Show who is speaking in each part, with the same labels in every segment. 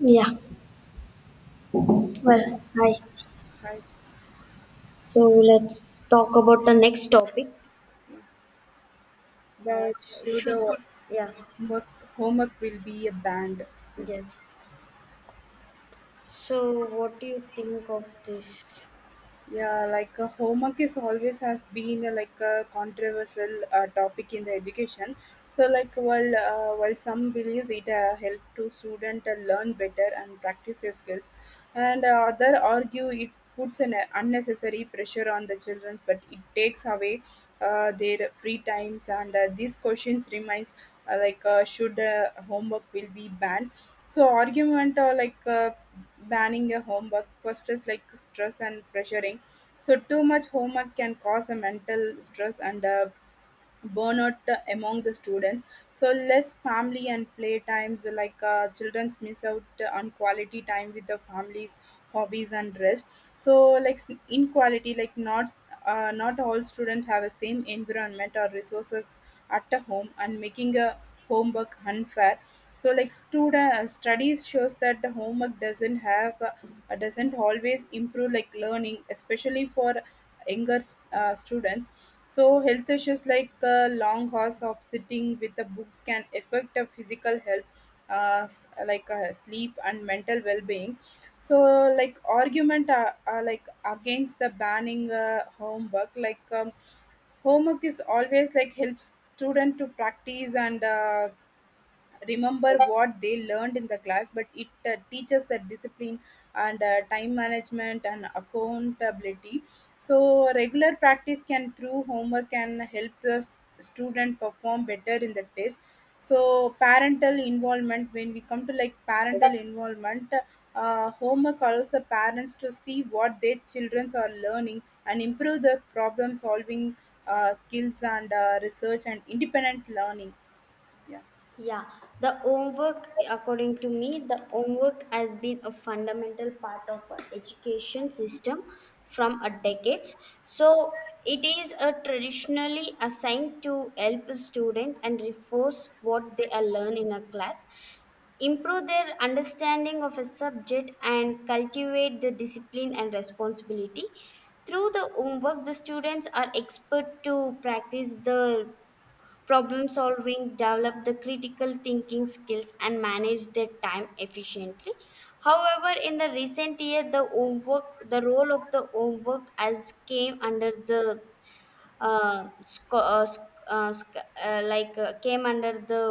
Speaker 1: Yeah, well, hi.
Speaker 2: I
Speaker 1: So let's talk about the next topic that
Speaker 2: should
Speaker 1: should, yeah,
Speaker 2: work, homework will be a band.
Speaker 1: yes. So, what do you think of this?
Speaker 2: Yeah, like homework is always has been like a controversial topic in the education. So like while while some believes it help to student learn better and practice their skills, and other argue it puts an unnecessary pressure on the children, but it takes away their free times. And these questions reminds like should homework will be banned so argument or like banning a homework first is like stress and pressuring so too much homework can cause a mental stress and burnout among the students so less family and play times like children's miss out on quality time with the families hobbies and rest so like inequality like not not all students have the same environment or resources at the home and making a homework unfair so like student studies shows that the homework doesn't have doesn't always improve like learning especially for younger students. So, health issues like long hours of sitting with the books can affect the physical health, like sleep and mental well-being. So, like argument like against the banning homework, homework is always like helps student to practice and remember what they learned in the class, but it teaches the discipline and time management and accountability. So regular practice can through homework can help the student perform better in the test. So parental involvement when we come to like parental involvement, homework allows the parents to see what their children are learning and improve the problem solving skills and research and independent learning. Yeah.
Speaker 1: Yeah, the homework, according to me, the homework has been a fundamental part of our education system from a decades. So, it is a traditionally assigned to help a student and reinforce what they are learn in a class. Improve their understanding of a subject and cultivate the discipline and responsibility through the homework, the students are expert to practice the problem solving, develop the critical thinking skills, and manage their time efficiently. However, in the recent year, the homework, the role of the homework as came under the sc- sc- sc- like came under the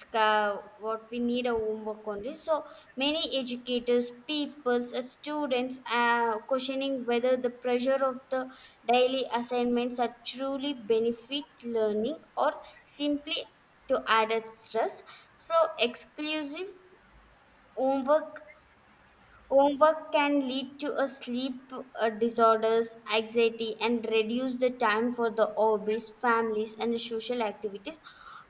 Speaker 1: what we need a homework only. So many educators peoples students are questioning whether the pressure of the daily assignments are truly benefit learning or simply to add a stress. So exclusive homework. Homework can lead to a sleep disorders, anxiety, and reduce the time for the hobbies, families, and social activities.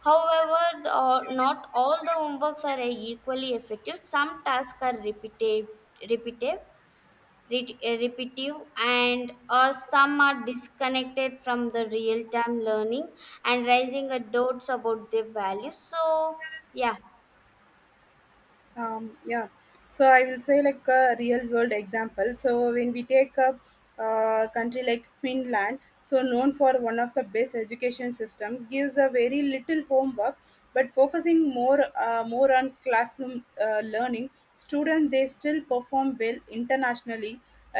Speaker 1: However, not all the homeworks are equally effective. Some tasks are repetitive, repetitive, and or some are disconnected from the real-time learning and raising a doubts about their values. So, yeah.
Speaker 2: Yeah, so I will say like a real world example so when we take a country like Finland so known for one of the best education system gives a very little homework but focusing more on classroom learning students they still perform well internationally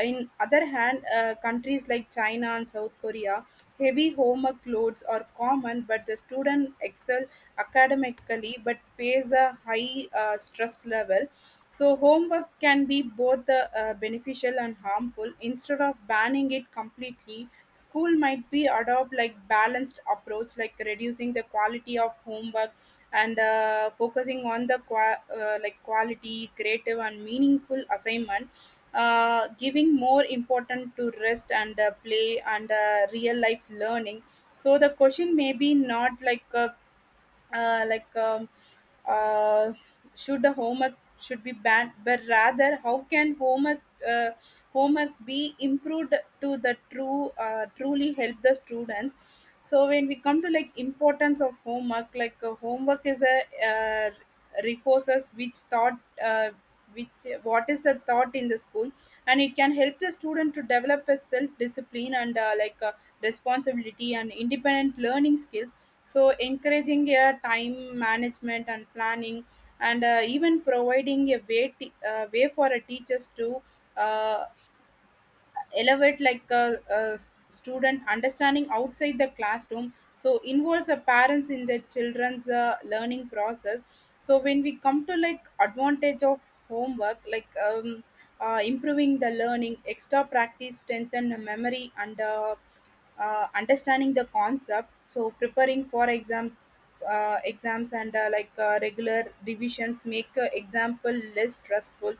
Speaker 2: in other hand countries like China and South Korea heavy homework loads are common but the student excel academically but face a high stress level. So, homework can be both beneficial and harmful. Instead of banning it completely, school might be adopt like balanced approach, like reducing the quality of homework and focusing on the like quality, creative, and meaningful assignment. Giving more important to rest and play and real life learning. So the question may be not like a uh, like um, uh, should the homework should be banned but rather how can homework uh, homework be improved to the true truly help the students so when we come to like importance of homework like homework is a uh, reinforces which thought which what is the thought in the school and it can help the student to develop a self discipline and responsibility, and independent learning skills. So, encouraging a time management and planning, and even providing a way, way for a teachers to uh, elevate like a student understanding outside the classroom so involves the parents in the children's learning process so when we come to like advantage of homework like improving the learning extra practice strengthen the memory and understanding the concept so preparing for exams and regular revisions make example less stressful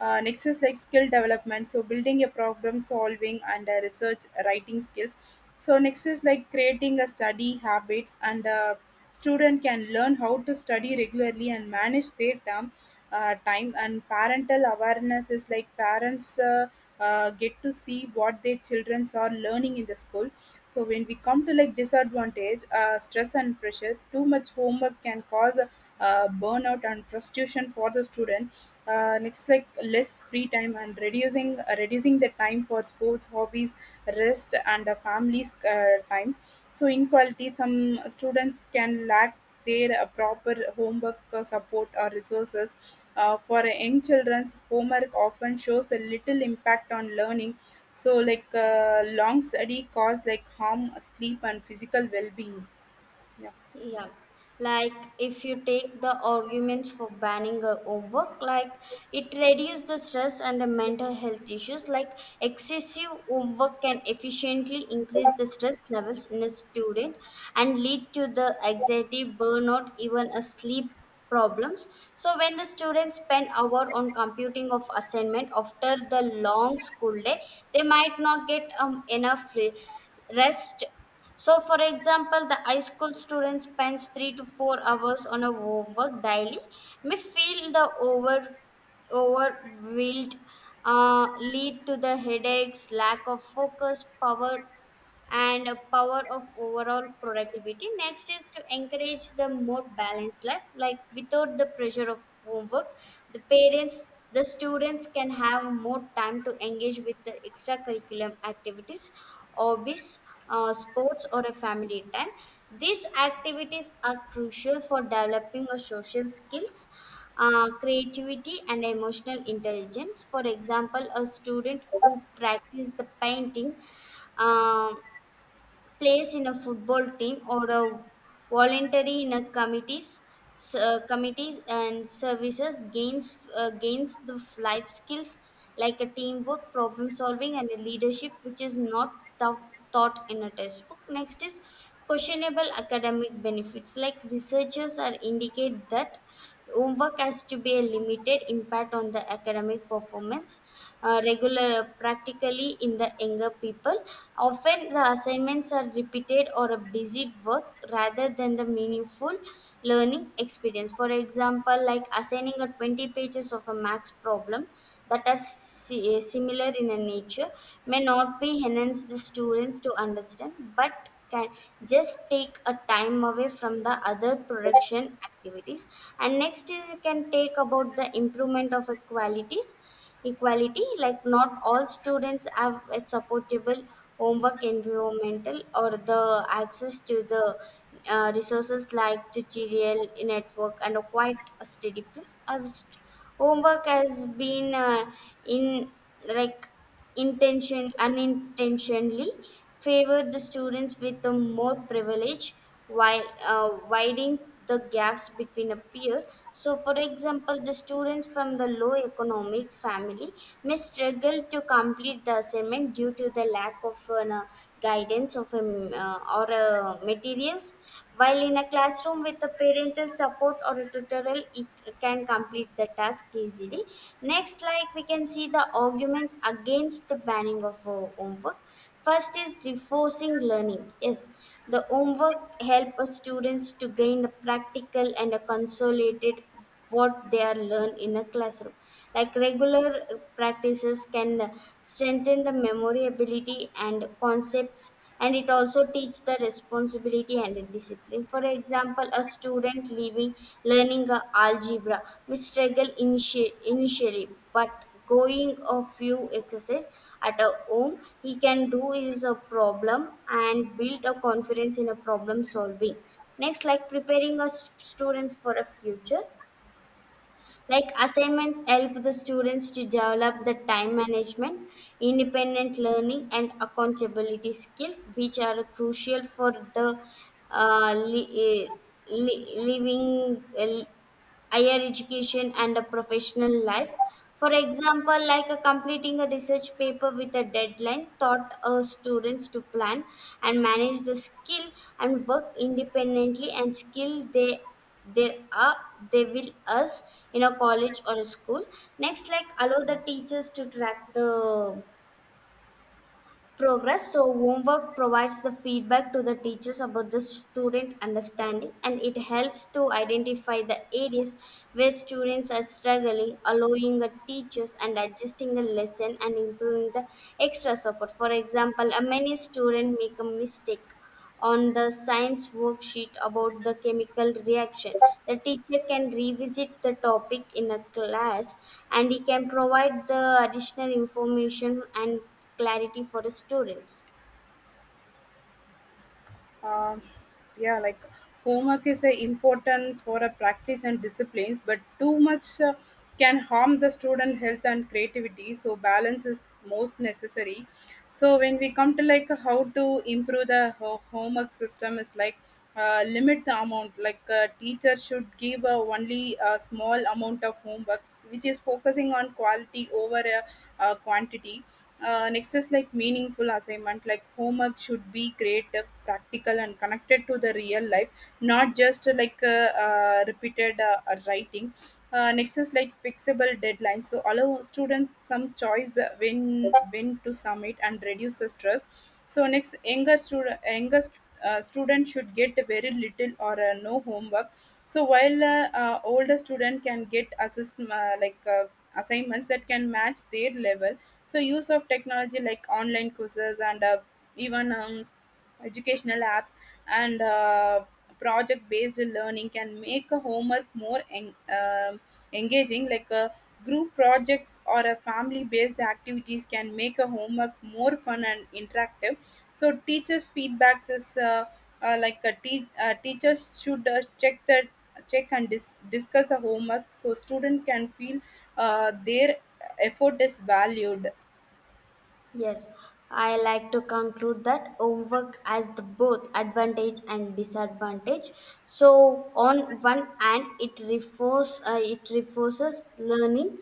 Speaker 2: next is like skill development. So building a problem solving and research writing skills. So next is like creating a study habits and student can learn how to study regularly and manage their term, time and parental awareness is like parents get to see what their children are learning in the school so when we come to like disadvantage stress and pressure too much homework can cause burnout and frustration for the student next like less free time and reducing the time for sports hobbies rest and families times so inequality some students can lack their proper homework support or resources for young children's homework often shows a little impact on learning so like long study cause like harm sleep and physical well-being yeah.
Speaker 1: Yeah, like if you take the arguments for banning homework, like it reduces the stress and the mental health issues. Like excessive homework can efficiently increase the stress levels in a student and lead to the anxiety, burnout, even a sleep problems. So when the students spend hour on computing of assignment after the long school day, they might not get enough rest. So, for example, the high school student spends 3 to 4 hours on a homework daily, may feel the overwhelmed, lead to the headaches, lack of focus, power, and a power of overall productivity. Next is to encourage the more balanced life, like without the pressure of homework, the parents the students can have more time to engage with the extracurricular activities, hobbies, sports, or a family time. These activities are crucial for developing a social skills, creativity, and emotional intelligence. For example, a student who practices the painting. um Plays in a football team or a voluntary in a committees and services gains the life skills like a teamwork, problem solving, and a leadership, which is not thou- taught in a textbook. Next is questionable academic benefits, like researchers are indicate that homework has to be a limited impact on the academic performance, regular practically in the younger people. Often the assignments are repeated or a busy work rather than the meaningful learning experience. For example, like assigning a 20 pages of a max problem that are similar in a nature may not be enhance the students to understand, but can just take a time away from the other production activities. And next is you can take about the improvement of a qualities, equality, like not all students have a supportable homework environmental or the access to the resources, like tutorial network and a quite a steady place. Homework has been in like intention unintentionally favored the students with the more privilege, while widening the gaps between a peer. So for example, the students from the low economic family may struggle to complete the assignment due to the lack of an guidance of a, m- or materials, while in a classroom with the parent technical support or a tutorial, it can complete the task easily. Next, like we can see the arguments against the banning of homework. First is reinforcing learning. Yes, the homework help students to gain the practical and a consolidated what they are learned in a classroom. Like regular practices can strengthen the memory ability and concepts, and it also teach the responsibility and the discipline. For example, a student leaving learning algebra may struggle initially, but going a few exercise at a home, he can do is a problem and build a confidence in a problem solving. Next, like preparing us students for a future, like assignments help the students to develop the time management, independent learning, and accountability skill, which are crucial for the uh, li- eh, living higher education and a professional life. For example, like completing a research paper with a deadline taught students to plan and manage the skill and work independently and skill they there are they will us in a college or a school. Next, like allow the teachers to track the progress. So homework provides the feedback to the teachers about the student understanding, and it helps to identify the areas where students are struggling, allowing the teachers and adjusting the lesson and improving the extra support. For example, a many student make a mistake on the science worksheet about the chemical reaction. The teacher can revisit the topic in a class and he can provide the additional information and clarity for the students.
Speaker 2: um, yeah, like homework is important for a practice and disciplines but too much can harm the student health and creativity so balance is most necessary so when we come to like how to improve the homework system is like limit the amount like teacher should give only a small amount of homework which is focusing on quality over quantity next is like meaningful assignment, like homework should be creative, practical, and connected to the real life, not just repeated writing. Next is like fixable deadlines, so allow students some choice when to submit and reduce the stress. So next, younger student should get very little or no homework. So while older student can get assist like assignments that can match their level so use of technology like online courses and even educational apps and project-based learning can make a homework more um engaging. Like group projects or a family-based activities can make a homework more fun and interactive. So teachers' feedbacks is teachers should check the discuss the homework so student can feel their effort is valued yeah.
Speaker 1: Yes, I like to conclude that homework has the both advantage and disadvantage. So on one hand, it reinforces learning,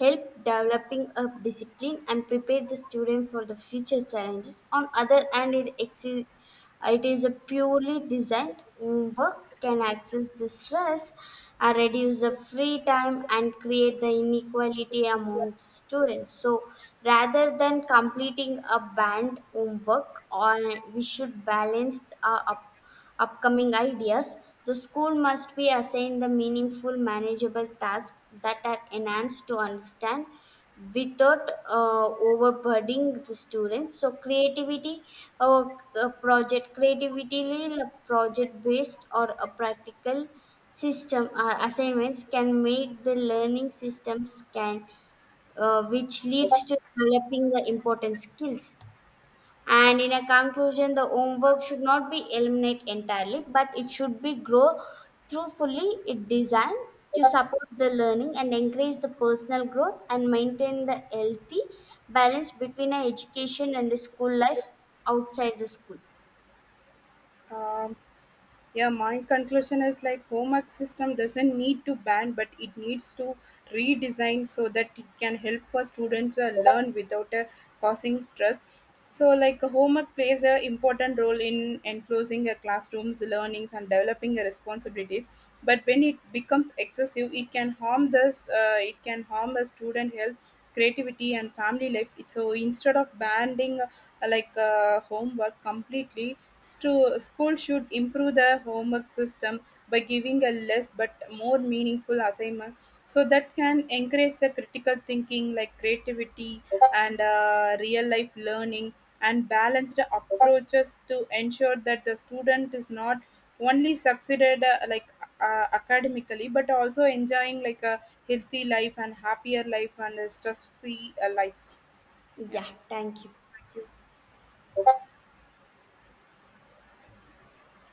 Speaker 1: help developing a discipline, and prepare the student for the future challenges. On other hand, it is a purely designed work can access the stress, reduce the free time, and create the inequality among the students. So rather than completing a band homework, or we should balance up upcoming ideas, the school must be assigned the meaningful, manageable tasks that are enhanced to understand without overburdening the students. So, creativity, uh, project based or a practical system assignments can make the learning systems can which leads to developing the important skills. And in a conclusion, the homework should not be eliminated entirely, but it should be grow through fully it designed to support the learning and encourage the personal growth and maintain the healthy balance between a education and the school life outside the school.
Speaker 2: Um, yeah, my conclusion is like homework system doesn't need to ban, but it needs to redesign so that it can help a student learn without causing stress. So, like homework plays a important role in enclosing a classroom's learnings and developing the responsibilities. But when it becomes excessive, it can harm the it can harm a student health, creativity, and family life. So instead of banning homework completely, school should improve the homework system by giving a less but more meaningful assignment so that can encourage the critical thinking like creativity and real life learning and balanced approaches to ensure that the student is not only succeeded academically but also enjoying like a healthy life and happier life and a stress free life yeah.
Speaker 1: Yeah, thank you.
Speaker 2: Thank you.